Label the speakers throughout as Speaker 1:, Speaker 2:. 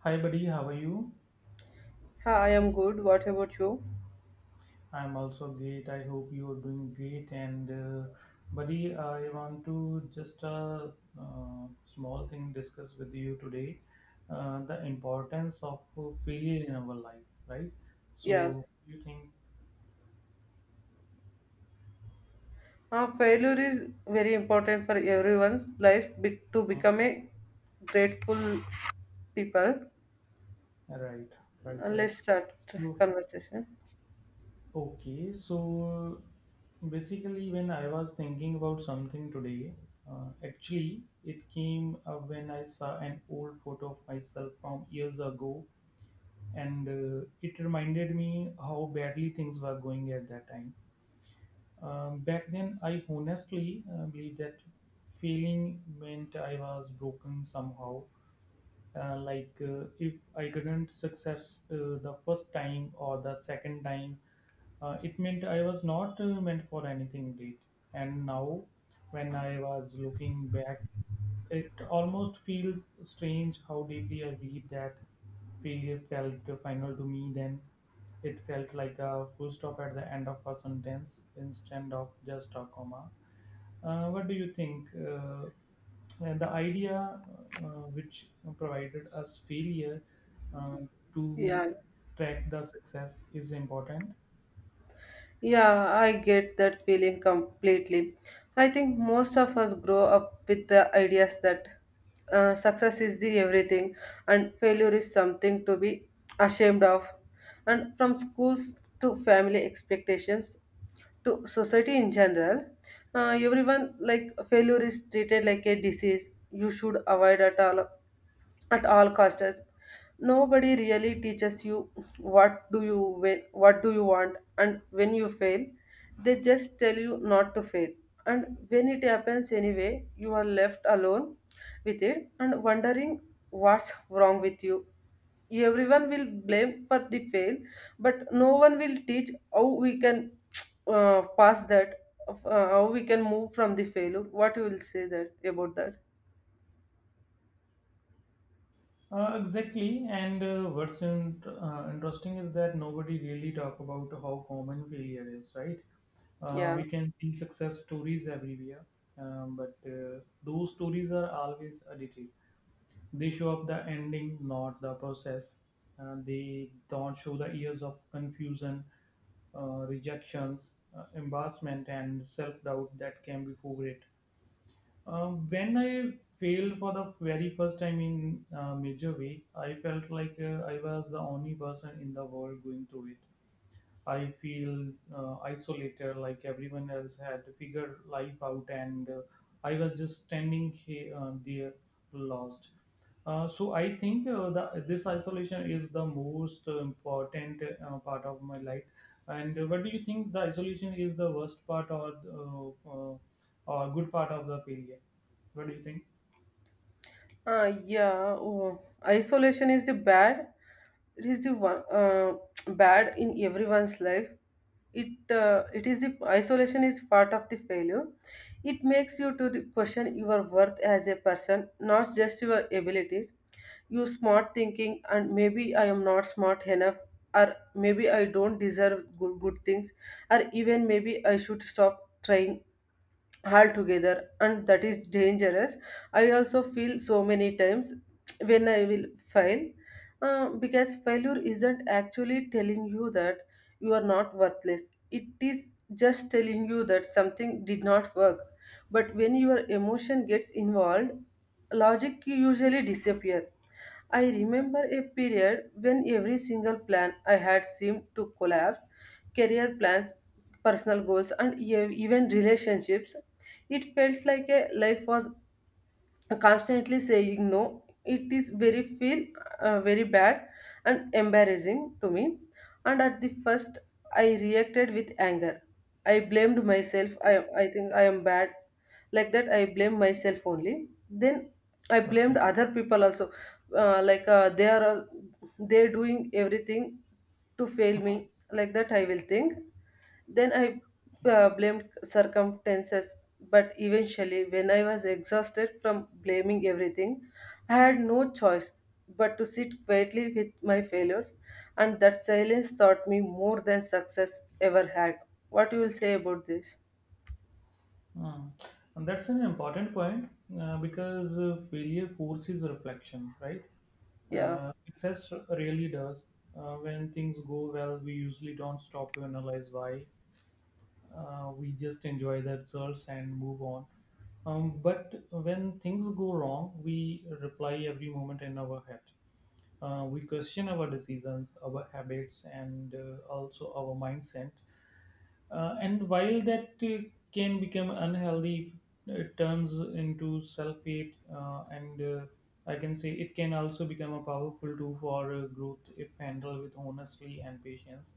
Speaker 1: Hi, buddy. How are you?
Speaker 2: Hi, I am good. What about you?
Speaker 1: I'm also great. I hope you are doing great. Buddy, I want to just a uh, small thing discuss with you today, the importance of failure in our life, right?
Speaker 2: Yeah.
Speaker 1: So, you think,
Speaker 2: Failure is very important for everyone's life to become a grateful people.
Speaker 1: right, right, right.
Speaker 2: Let's start
Speaker 1: So,
Speaker 2: conversation.
Speaker 1: okay. So, basically, when I was thinking about something today, actually, it came up when I saw an old photo of myself from years ago, and it reminded me how badly things were going at that time. Back then, I honestly believed that failing meant I was broken somehow, like if I couldn't success the first time or the second time, it meant I was not meant for anything great. And now, when I was looking back, it almost feels strange how deeply I believe that. Failure felt final to me then. It felt like a full stop at the end of a sentence instead of just a comma. What do you think? And the idea, uh, which provided us failure, uh, to
Speaker 2: Yeah.
Speaker 1: track the success, is important.
Speaker 2: Yeah, I get that feeling completely. I think most of us grow up with the ideas that success is the everything and failure is something to be ashamed of. And from schools to family expectations, to society in general, everyone like failure is treated like a disease you should avoid at all costs. Nobody really teaches you what do you what do you want, and when you fail they just tell you not to fail, and when it happens anyway you are left alone with it and wondering what's wrong with you. Everyone will blame for the fail, but no one will teach how we can pass that how we can move from the failure. What you will say that about that?
Speaker 1: Exactly, and what's in, interesting is that nobody really talk about how common failure is, right?
Speaker 2: Yeah.
Speaker 1: We can see success stories everywhere, but those stories are always edited. They show up the ending, not the process. They don't show the years of confusion, rejections, embarrassment, and self doubt that came before it. When I failed for the very first time in a major way, I felt like I was the only person in the world going through it. I feel isolated, like everyone else had figured life out, and I was just standing there, lost. So I think this isolation is the most important part of my life. And what do you think? The isolation is the worst part, or good part of the failure? What do you think?
Speaker 2: Yeah, oh, isolation is the bad. It is the one bad in everyone's life. It is the isolation is part of the failure. It makes you to the question your worth as a person, not just your abilities. You smart thinking, and maybe I am not smart enough, or maybe I don't deserve good things, or even maybe I should stop trying altogether, and that is dangerous. I also feel so many times when I will fail, because failure isn't actually telling you that you are not worthless. It is just telling you that something did not work, but when your emotion gets involved logic usually disappear. I remember a period when every single plan I had seemed to collapse: career plans, personal goals, and even relationships. It felt like a life was constantly saying no. It is very feel very bad and embarrassing to me, and at the first I reacted with anger. I blamed myself. I think I am bad, like that I blame myself only. Then I blamed
Speaker 1: Okay.
Speaker 2: other people also, like they are all, they doing everything to fail me, like that I will think. Then I blamed circumstances, but eventually, when I was exhausted from blaming everything, I had no choice but to sit quietly with my failures, and that silence taught me more than success ever had. What you will say about this?
Speaker 1: Mm. And that's an important point, because failure forces reflection, right?
Speaker 2: Yeah,
Speaker 1: Success really does. When things go well, we usually don't stop to analyze why. We just enjoy the results and move on. But when things go wrong, we reply every moment in our head. We question our decisions, our habits, and also our mindset. And while that can become unhealthy, it turns into sulfate, and I can say it can also become a powerful tool for growth if handled with honestly and patience,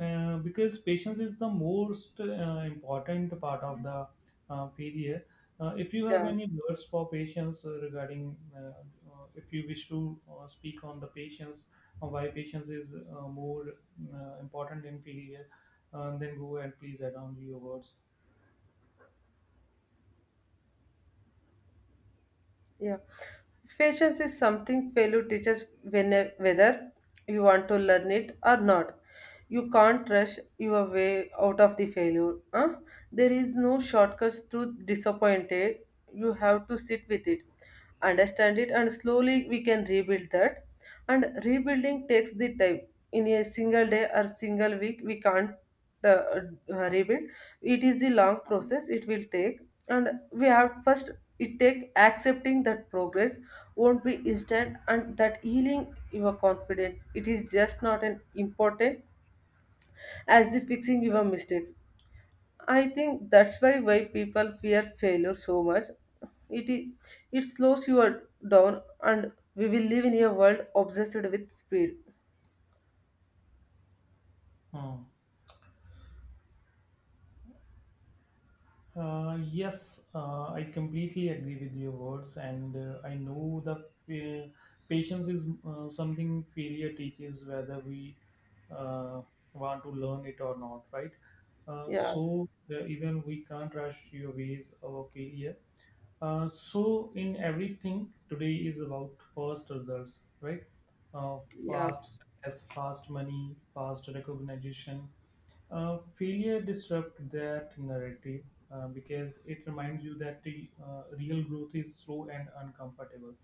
Speaker 1: because patience is the most important part of the failure. If you have
Speaker 2: yeah.
Speaker 1: any words for patience regarding, if you wish to speak on the patience, why patience is more important in failure, then go and please add on your words.
Speaker 2: Yeah. Patience is something failure teaches when, whether you want to learn it or not. You can't rush your way out of the failure. Huh? There is no shortcuts to disappointed. You have to sit with it, understand it, and slowly we can rebuild that. And rebuilding takes the time. In a single day or single week, we can't rebuild. It is the long process. It will take, and we have first it takes accepting that progress won't be instant, and that healing your confidence it is just not an important as the fixing your mistakes. I think that's why people fear failure so much. It is it slows you down, and we will live in a world obsessed with speed.
Speaker 1: Hmm. Yes, I completely agree with your words, and I know that uh, patience is something failure teaches, whether we uh, want to learn it or not, right?
Speaker 2: Yeah,
Speaker 1: So even we can't rush your ways of failure. So in everything today is about fast results, right? Uh,
Speaker 2: yeah.
Speaker 1: Fast success, fast money, fast recognition. Failure disrupt that narrative, because it reminds you that the real growth is slow and uncomfortable.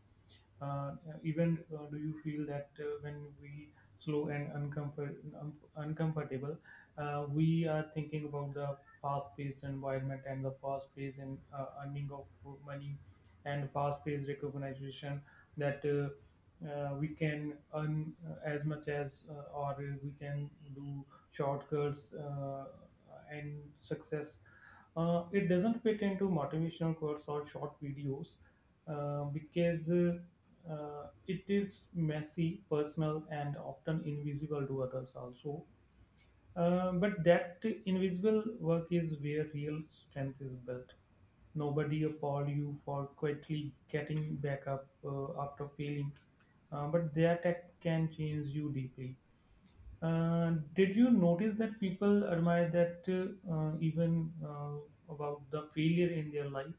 Speaker 1: Yeah, even do you feel that when we slow and uncomfortable, we are thinking about the fast-paced environment and the fast-paced in, earning of money and fast-paced recognition, that we can earn as much as or we can do shortcuts, and success, it doesn't fit into motivational quotes or short videos, because it is messy, personal, and often invisible to others also. But that invisible work is where real strength is built. Nobody applaud you for quietly getting back up after failing, but that act can change you deeply. Did you notice that people admire that even about the failure in their life?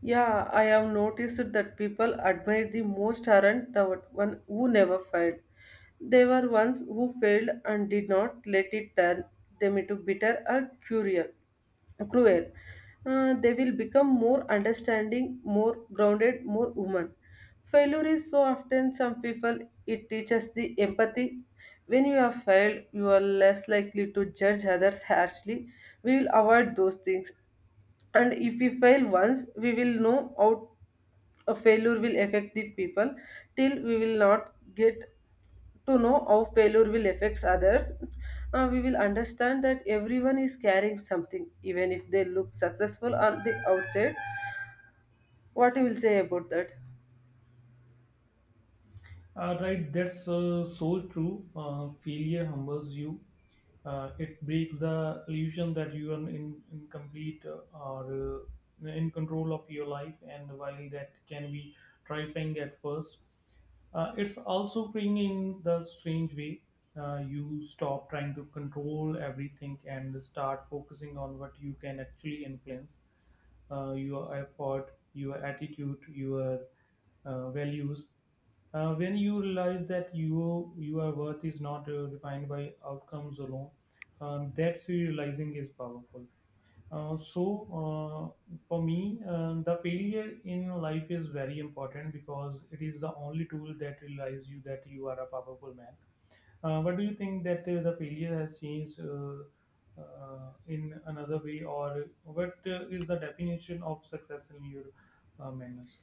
Speaker 2: Yeah, I have noticed that people admire the most aren't the one who never failed. They were ones who failed and did not let it turn them into bitter or cruel. They will become more understanding, more grounded, more human. Failure is so often some people it teaches the empathy. When you have failed, you are less likely to judge others harshly. We will avoid those things, and if we fail once we will know how a failure will affect the people. Till we will not get to know how failure will affect others, we will understand that everyone is carrying something even if they look successful on the outside. What you will say about that?
Speaker 1: Right, that's so true. Failure humbles you. It breaks the illusion that you are in, incomplete or in control of your life, and while that can be terrifying at first, it's also freeing in the strange way. You stop trying to control everything and start focusing on what you can actually influence, your effort, your attitude, your values. When you realize that you your worth is not defined by outcomes alone, that's realizing is powerful. So for me, the failure in life is very important because it is the only tool that realizes you that you are a powerful man. What do you think that the failure has changed in another way, or what is the definition of success in your manners?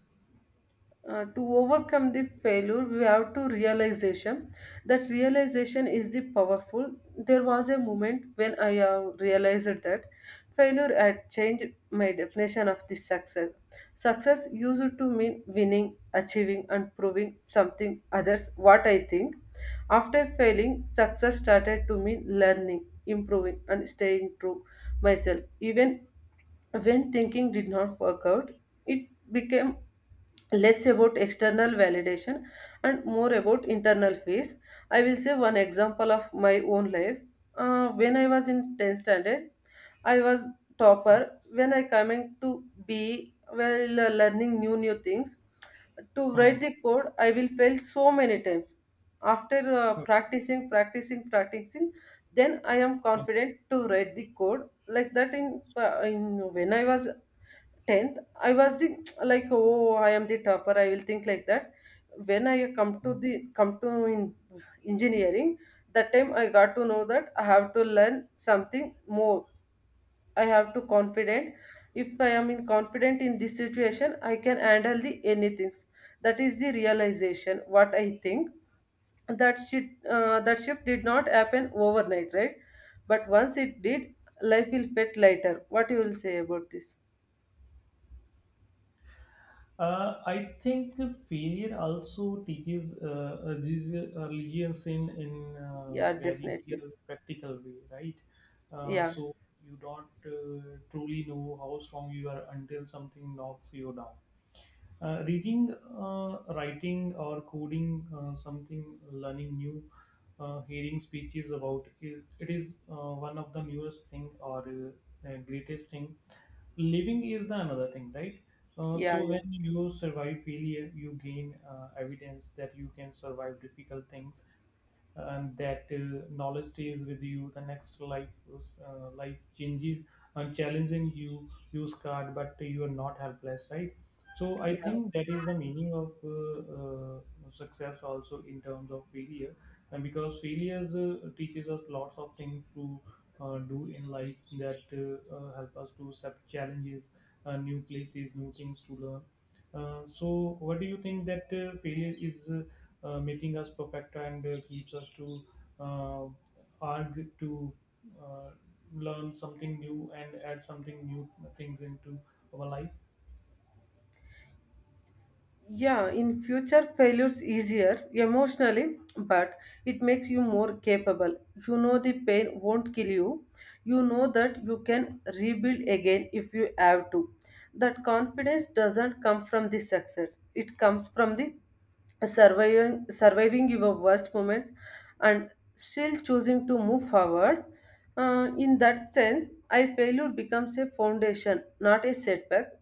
Speaker 2: To overcome the failure we have to realization. That realization is the powerful. There was a moment when I realized that failure had changed my definition of the success. Success used to mean winning, achieving, and proving something others, what I think. After failing, success started to mean learning, improving, and staying true myself, even when thinking did not work out. It became less about external validation and more about internal peace. I will say one example of my own life. When I was in 10th standard, I was topper. When I coming to be well, learning new things, to write
Speaker 1: Hmm.
Speaker 2: the code, I will fail so many times. After
Speaker 1: Okay.
Speaker 2: practicing, practicing, practicing, then I am confident to write the code like that. In when I was tenth, I was like, oh, I am the topper, I will think like that. When I come
Speaker 1: Hmm.
Speaker 2: to the come to in engineering, that time I got to know that I have to learn something more. I have to confident. If I am in confident in this situation, I can handle the anything. That is the realization, what I think. That shit uh, that shift did not happen overnight, right? But once it did, life will fit lighter. What you will say about this?
Speaker 1: I think failure also teaches a religions in
Speaker 2: Yeah,
Speaker 1: very
Speaker 2: definitely.
Speaker 1: real practical way, right?
Speaker 2: Yeah.
Speaker 1: So you don't truly know how strong you are until something knocks you down. Reading, writing, or coding something, learning new, hearing speeches about is it is one of the newest thing or greatest thing. Living is the another thing, right?
Speaker 2: Yeah,
Speaker 1: So
Speaker 2: yeah,
Speaker 1: when you survive failure, you gain evidence that you can survive difficult things, and that knowledge stays with you the next life. Life changes and challenging you, you scarred but you are not helpless, right? So I
Speaker 2: yeah.
Speaker 1: think that is the meaning of success also in terms of failure. And because failures teaches us lots of things to do in life, that help us to accept challenges, new places, new things to learn. So what do you think that failure is making us perfect and keeps us to uh, argue to uh, learn something new and add something new things into our life?
Speaker 2: Yeah, in future failures easier emotionally, but it makes you more capable. You know the pain won't kill you. You know that you can rebuild again if you have to. That confidence doesn't come from the success. It comes from the surviving your worst moments, and still choosing to move forward. In that sense, I failure becomes a foundation, not a setback.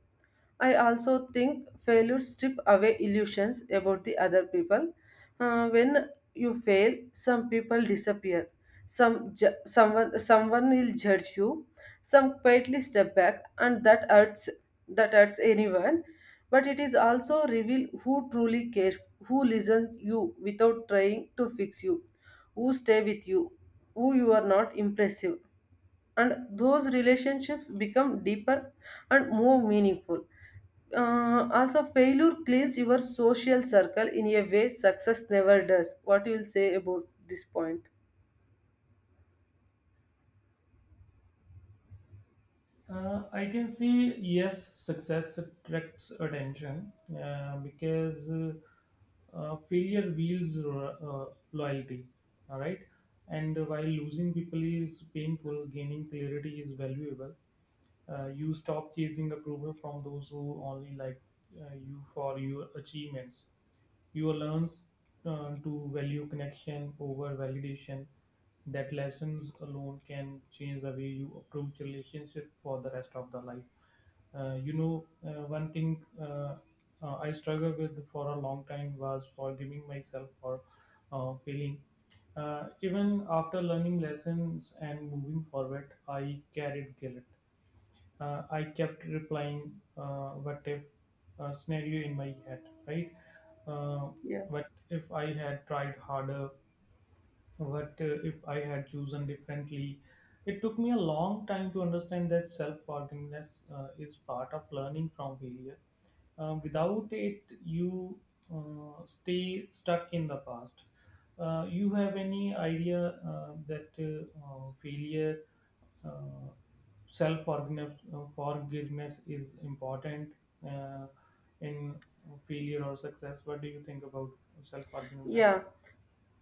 Speaker 2: I also think failure strip away illusions about the other people. When you fail, some people disappear. Some someone will judge you. Some quietly step back, and that hurts. That hurts anyone. But it is also reveal who truly cares, who listens you without trying to fix you, who stay with you, who you are not impressive, and those relationships become deeper and more meaningful. Also, failure cleans your social circle in a way success never does. What you will say about this point?
Speaker 1: I can see, yes, success attracts attention, because failure wields loyalty. All right, and while losing people is painful, gaining clarity is valuable. You stop chasing approval from those who only like you for your achievements. You learn to value connection over validation. That lessons alone can change the way you approach relationship for the rest of the life. You know, one thing I struggled with for a long time was forgiving myself for failing. Even after learning lessons and moving forward, I carried guilt. I kept replying, what if scenario in my head, right? Uh,
Speaker 2: Yeah.
Speaker 1: what if I had tried harder? But if I had chosen differently, it took me a long time to understand that self forgiveness is part of learning from failure. Without it, you stay stuck in the past. You have any idea that failure, uh, self forgiveness forgiveness is important uh, in failure or success? What do you think about self
Speaker 2: Yeah,
Speaker 1: forgiveness?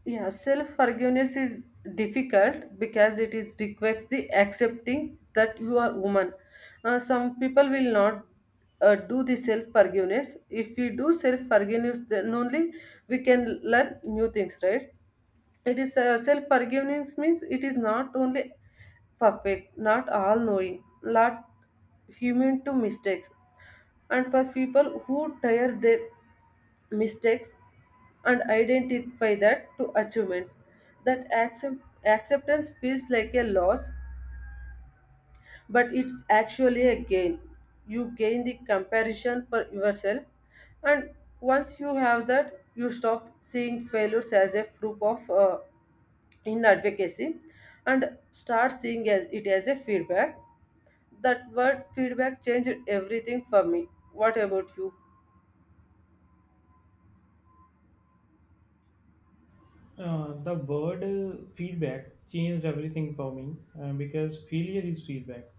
Speaker 2: yeah. Self forgiveness is difficult because it is requires the accepting that you are woman. Some people will not do the self forgiveness. If we do self forgiveness, then only we can learn new things, right? It is, self forgiveness means it is not only perfect, not all knowing, not human to mistakes. And for people who tire their mistakes and identify that to achievements, that accept, acceptance feels like a loss, but it's actually a gain. You gain the comparison for yourself, and once you have that, you stop seeing failures as a proof of in the advocacy, and start seeing as it as a feedback. That word feedback changed everything for me. What about you?
Speaker 1: The word feedback changed everything for me, because failure is feedback.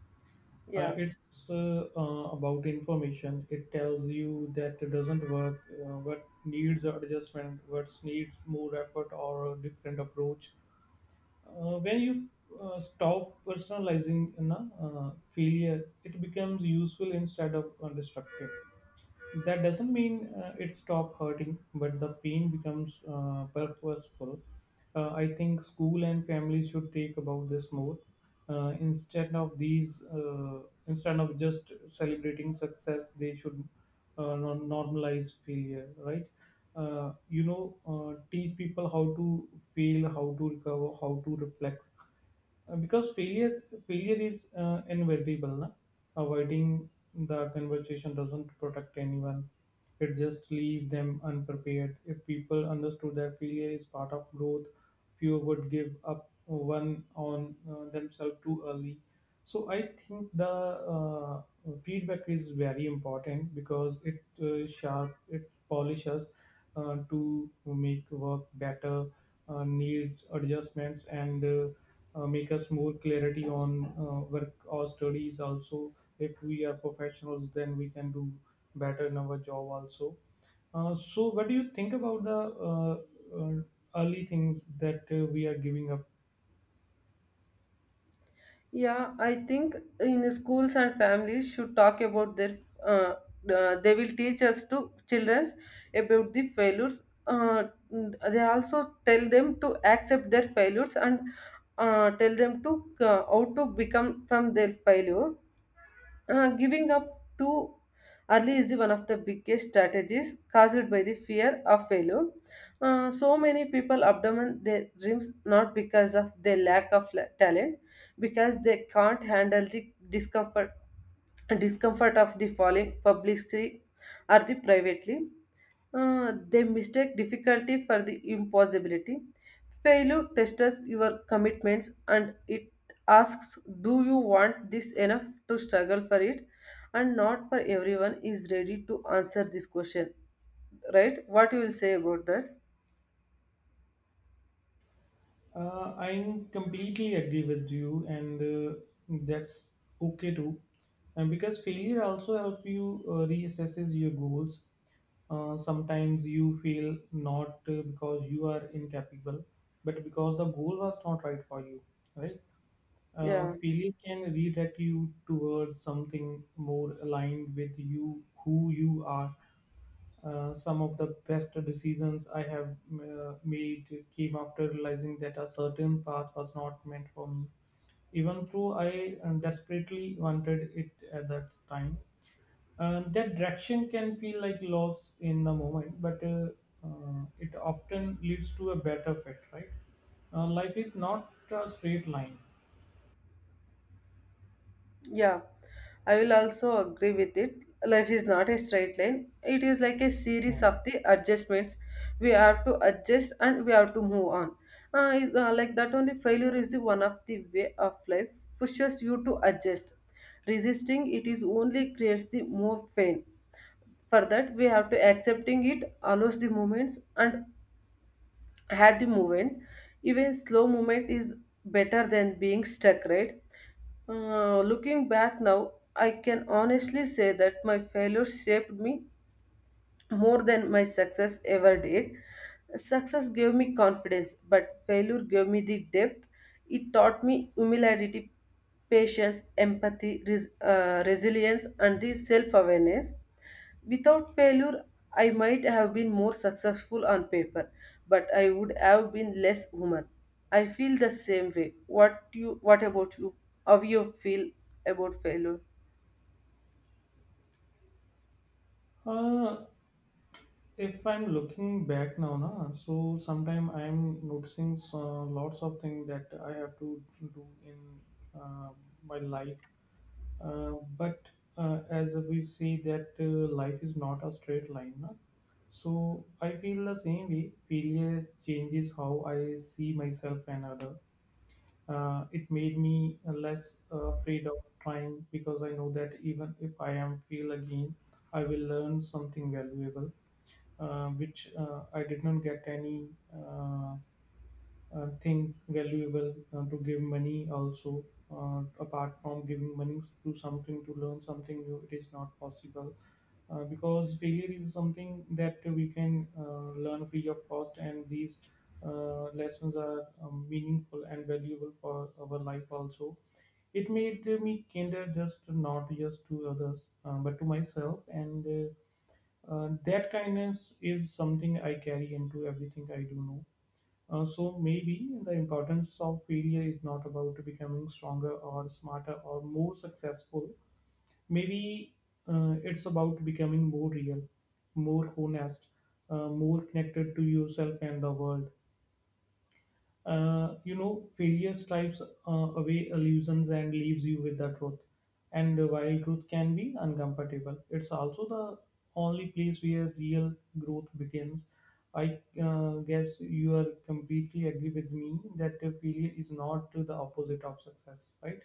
Speaker 2: Yeah.
Speaker 1: It's about information. It tells you that it doesn't work, what needs adjustment, what needs more effort or a different approach. When you stop personalizing, you know, failure, it becomes useful instead of destructive. That doesn't mean it stopped hurting, but the pain becomes purposeful. I think school and families should take about this more, instead of these instead of just celebrating success. They should normalize failure, right? You know, teach people how to fail, how to recover, how to reflect. Because failure is inevitable na? Avoiding the conversation doesn't protect anyone. It just leaves them unprepared. If people understood that failure is part of growth, few would give up one on themselves too early. So I think the uh, feedback is very important because it sharp it polishes to make work better, needs adjustments, and make us more clarity on work or studies also. If we are professionals, then we can do better in our job also. So what do you think about the uh, uh, early things that we are giving up?
Speaker 2: Yeah, I think in schools and families should talk about their uh, they will teach us to childrens about the failures. uh, they also tell them to accept their failures, and tell them to how to become from their failure. Giving up too early is one of the biggest strategies caused by the fear of failure. So many people abandon their dreams not because of their lack of talent, because they can't handle the discomfort of the falling publicly or the privately. They mistake difficulty for the impossibility. Failure tests your commitments, and it asks, "Do you want this enough to struggle for it?" And not for everyone is ready to answer this question, right? What you will say about that?
Speaker 1: I'm completely agree with you, and that's okay too. And because failure also help you reassesses your goals. Sometimes you feel not because you are incapable, but because the goal was not right for you, right?
Speaker 2: Yeah.
Speaker 1: Failure can redirect you towards something more aligned with you, who you are. Some of the best decisions I have made came after realizing that a certain path was not meant for me, even though I desperately wanted it at that time. That direction can feel like loss in the moment, but it often leads to a better fit, right? Life is not a straight line.
Speaker 2: Yeah, I will also agree with it. Life is not a straight line. It is like a series
Speaker 1: No.
Speaker 2: of the adjustments. We have to adjust, and we have to move on. Like that only failure is the one of the way of life pushes you to adjust. Resisting it is only creates the more pain. For that, we have to accepting it allows the movements and had the movement. Even slow movement is better than being stuck, right? Looking back now, I can honestly say that my failures shaped me more than my success ever did. Success gave me confidence, but failure gave me the depth. It taught me humility, patience, empathy, resilience, and the self awareness. Without failure, I might have been more successful on paper, but I would have been less human. I feel the same way. What you? What about you? How you feel about failure?
Speaker 1: Uh, if I'm looking back now, na, so sometime I'm noticing lots of things that I have to do in uh, my life. But as we see that life is not a straight line, na? So I feel the same way. Failure changes how I see myself and other. It made me less afraid of trying because I know that even if I am fail again, I will learn something valuable, which I did not get any. Uh, think valuable to give money also, apart from giving money to something to learn something new it is not possible, because failure is something that we can learn free of cost, and these lessons are meaningful and valuable for our life also. It made me kinder, just not just to others but to myself, and that kindness is something I carry into everything I do know. So maybe the importance of failure is not about becoming stronger or smarter or more successful. Maybe it's about becoming more real, more honest, more connected to yourself and the world. Failure stripes away illusions and leaves you with the truth. And while truth can be uncomfortable, it's also the only place where real growth begins. I guess you are completely agree with me that the failure is not the opposite of success, right?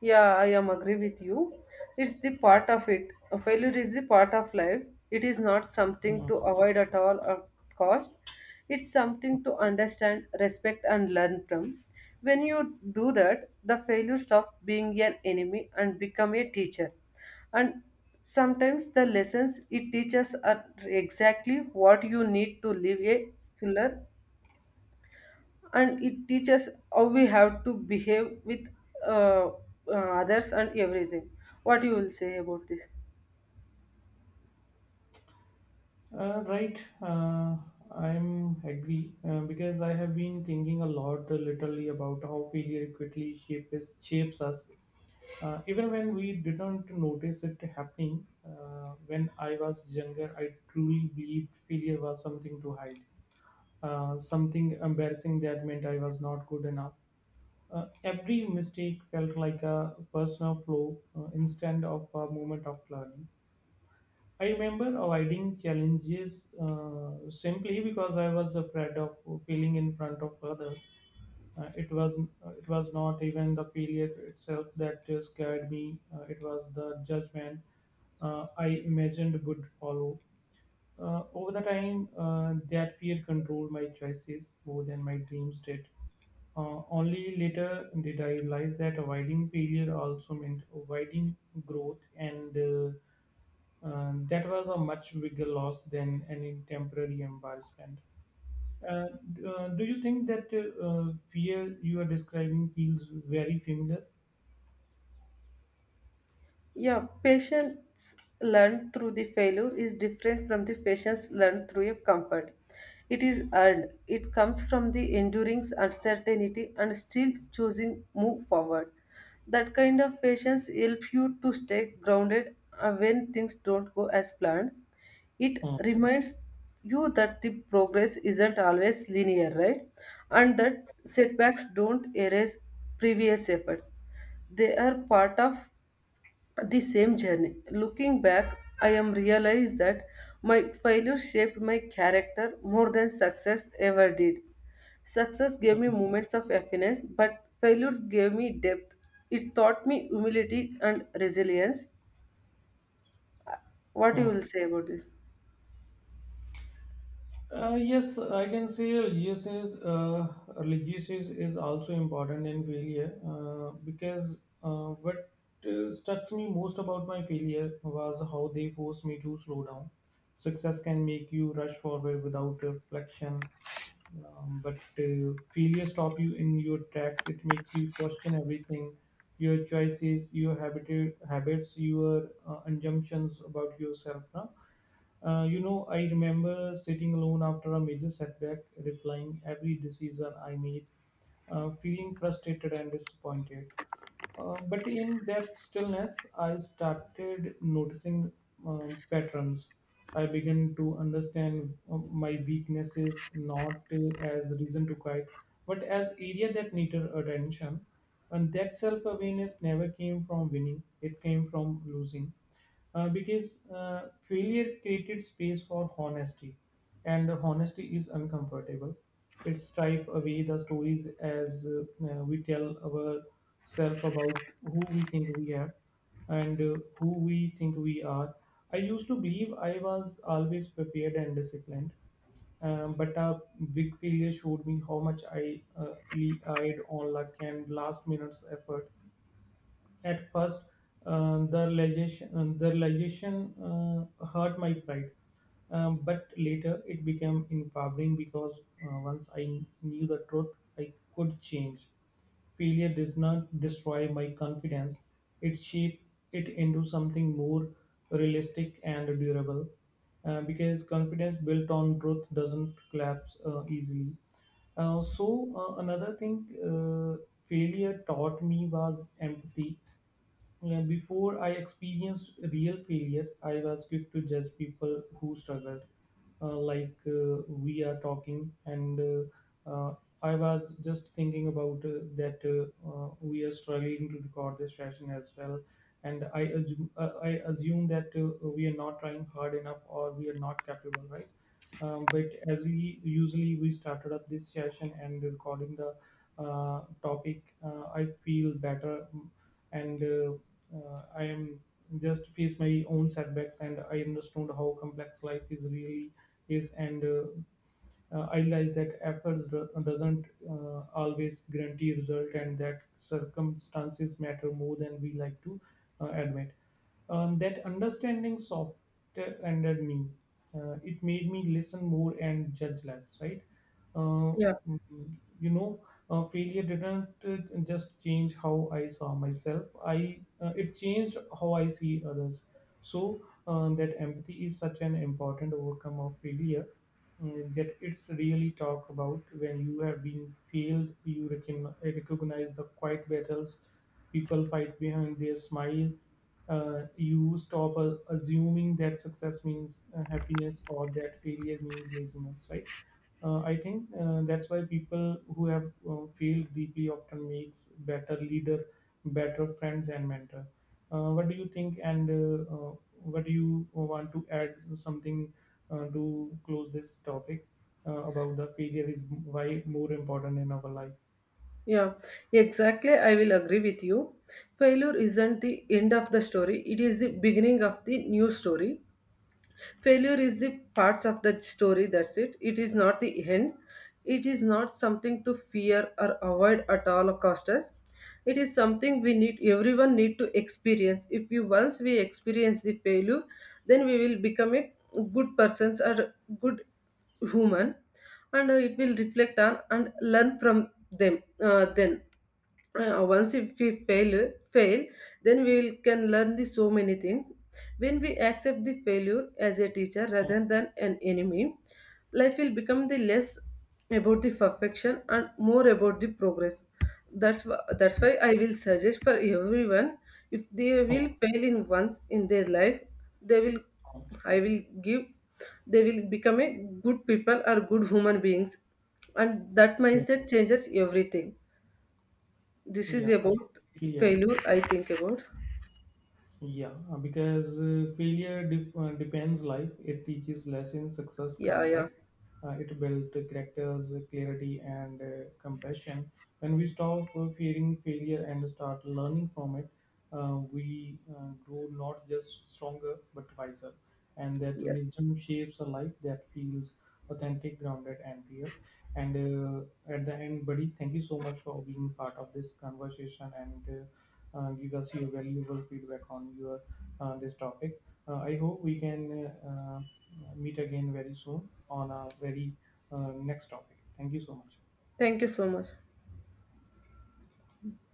Speaker 2: Yeah, I am agree with you. It's the part of it. A failure is the part of life. It is not something
Speaker 1: Yeah.
Speaker 2: to avoid at all or cost. It's something to understand, respect, and learn from. When you do that, the failure stops being an enemy and become a teacher. And sometimes the lessons it teaches are exactly what you need to live a fuller, and it teaches how we have to behave with uh, others and everything. What you will say about this?
Speaker 1: Right, I'm agree because I have been thinking a lot literally about how failure quickly shapes us. Even when we didn't notice it happening, when I was younger, I truly believed failure was something to hide, something embarrassing that meant I was not good enough. Every mistake felt like a personal flaw instead of a moment of learning. I remember avoiding challenges simply because I was afraid of failing in front of others. Uh, it was it was not even the failure itself that scared me. It was the judgment I imagined would follow. Over the time, that fear controlled my choices more than my dreams did. Only later did I realize that avoiding failure also meant avoiding growth, and that was a much bigger loss than any temporary embarrassment. Uh, do you think that fear you are describing feels very familiar?
Speaker 2: Yeah, patience learned through the failure is different from the patience learned through a comfort. It is earned. It comes from the enduring uncertainty and still choosing move forward. That kind of patience helps you to stay grounded when things don't go as planned. It
Speaker 1: Hmm,
Speaker 2: reminds you that the progress isn't always linear, right? And that setbacks don't erase previous efforts. They are part of the same journey. Looking back, I am realized that my failure shaped my character more than success ever did. Success gave me
Speaker 1: hmm,
Speaker 2: moments of happiness, but failures gave me depth. It taught me humility and resilience. What you
Speaker 1: hmm.
Speaker 2: will say about this?
Speaker 1: Yes, I can say religious is, is also important in failure, because what struck me most about my failure was how they forced me to slow down. Success can make you rush forward without reflection, but failure stop you in your tracks. It makes you question everything: your choices, your habits, your assumptions about yourself. Now I remember sitting alone after a major setback, replying every decision I made, feeling frustrated and disappointed. But in that stillness, I started noticing patterns. I began to understand my weaknesses not as reason to quit, but as area that needed attention. And that self-awareness never came from winning; it came from losing. Because failure created space for honesty, and honesty is uncomfortable. It stripes away the stories as we tell ourselves about who we think we are and who we think we are. I used to believe I was always prepared and disciplined, but a big failure showed me how much I relied on luck and last minute's effort. At first, the realization hurt my pride. But later it became empowering, because once I knew the truth, I could change. Failure does not destroy my confidence; it shaped it into something more realistic and durable. Because confidence built on truth doesn't collapse easily. Uh, so Another thing uh, failure taught me was empathy. Yeah, before I experienced real failure, I was quick to judge people who struggled, like we are talking, and uh, uh, I was just thinking about that we are struggling to record this session as well, and I assume that we are not trying hard enough or we are not capable, right? But as we usually we started up this session and recording the topic, I feel better, and I am just faced my own setbacks and I understood how complex life is really is, and I realized that efforts doesn't always guarantee result, and that circumstances matter more than we like to admit. That understanding softened me. It made me listen more and judge less. Right? Uh,
Speaker 2: Yeah,
Speaker 1: you know, failure didn't just change how I saw myself. I It changed how I see others. So that empathy is such an important overcome of failure. Mm, that it's really talk about when you have been failed you recognize the quiet battles people fight behind their smile. You stop assuming that success means happiness or that failure means laziness, right? I think that's why people who have failed deeply often makes better leader, better friends and mentor. What do you think, and what do you want to add something to close this topic about the failure is why more important in our life?
Speaker 2: yeah, exactly. I will agree with you. Failure isn't the end of the story, it is the beginning of the new story. Failure is the parts of the story, that's it. It is not the end. It is not something to fear or avoid at all costs. It is something we need, everyone need to experience. If you Once we experience the failure, then we will become a good persons or good human, and it will reflect on and learn from them. Then once if we fail, then we can learn the so many things. When we accept the failure as a teacher
Speaker 1: Uh,
Speaker 2: rather than an enemy, life will become the less about the perfection and more about the progress. That's why I will suggest for everyone, if they
Speaker 1: Uh,
Speaker 2: will fail in once in their life, they will
Speaker 1: uh,
Speaker 2: I will give they will become a good people or good human beings. And that mindset changes everything. This is
Speaker 1: yeah, I
Speaker 2: about
Speaker 1: completely
Speaker 2: failure,
Speaker 1: agree.
Speaker 2: I think about.
Speaker 1: Yeah, because failure depends life. It teaches lessons success
Speaker 2: Yeah,
Speaker 1: can't,
Speaker 2: yeah,
Speaker 1: right? It builds characters, clarity, and compassion. When we stop fearing failure and start learning from it, we grow not just stronger but wiser. And that
Speaker 2: yes.
Speaker 1: wisdom shapes a life that feels authentic, grounded, and real. And at the end, buddy, thank you so much for being part of this conversation, and give us your valuable feedback on your this topic. I hope we can meet again very soon on a very next topic. Thank you so much.
Speaker 2: Thank you so much.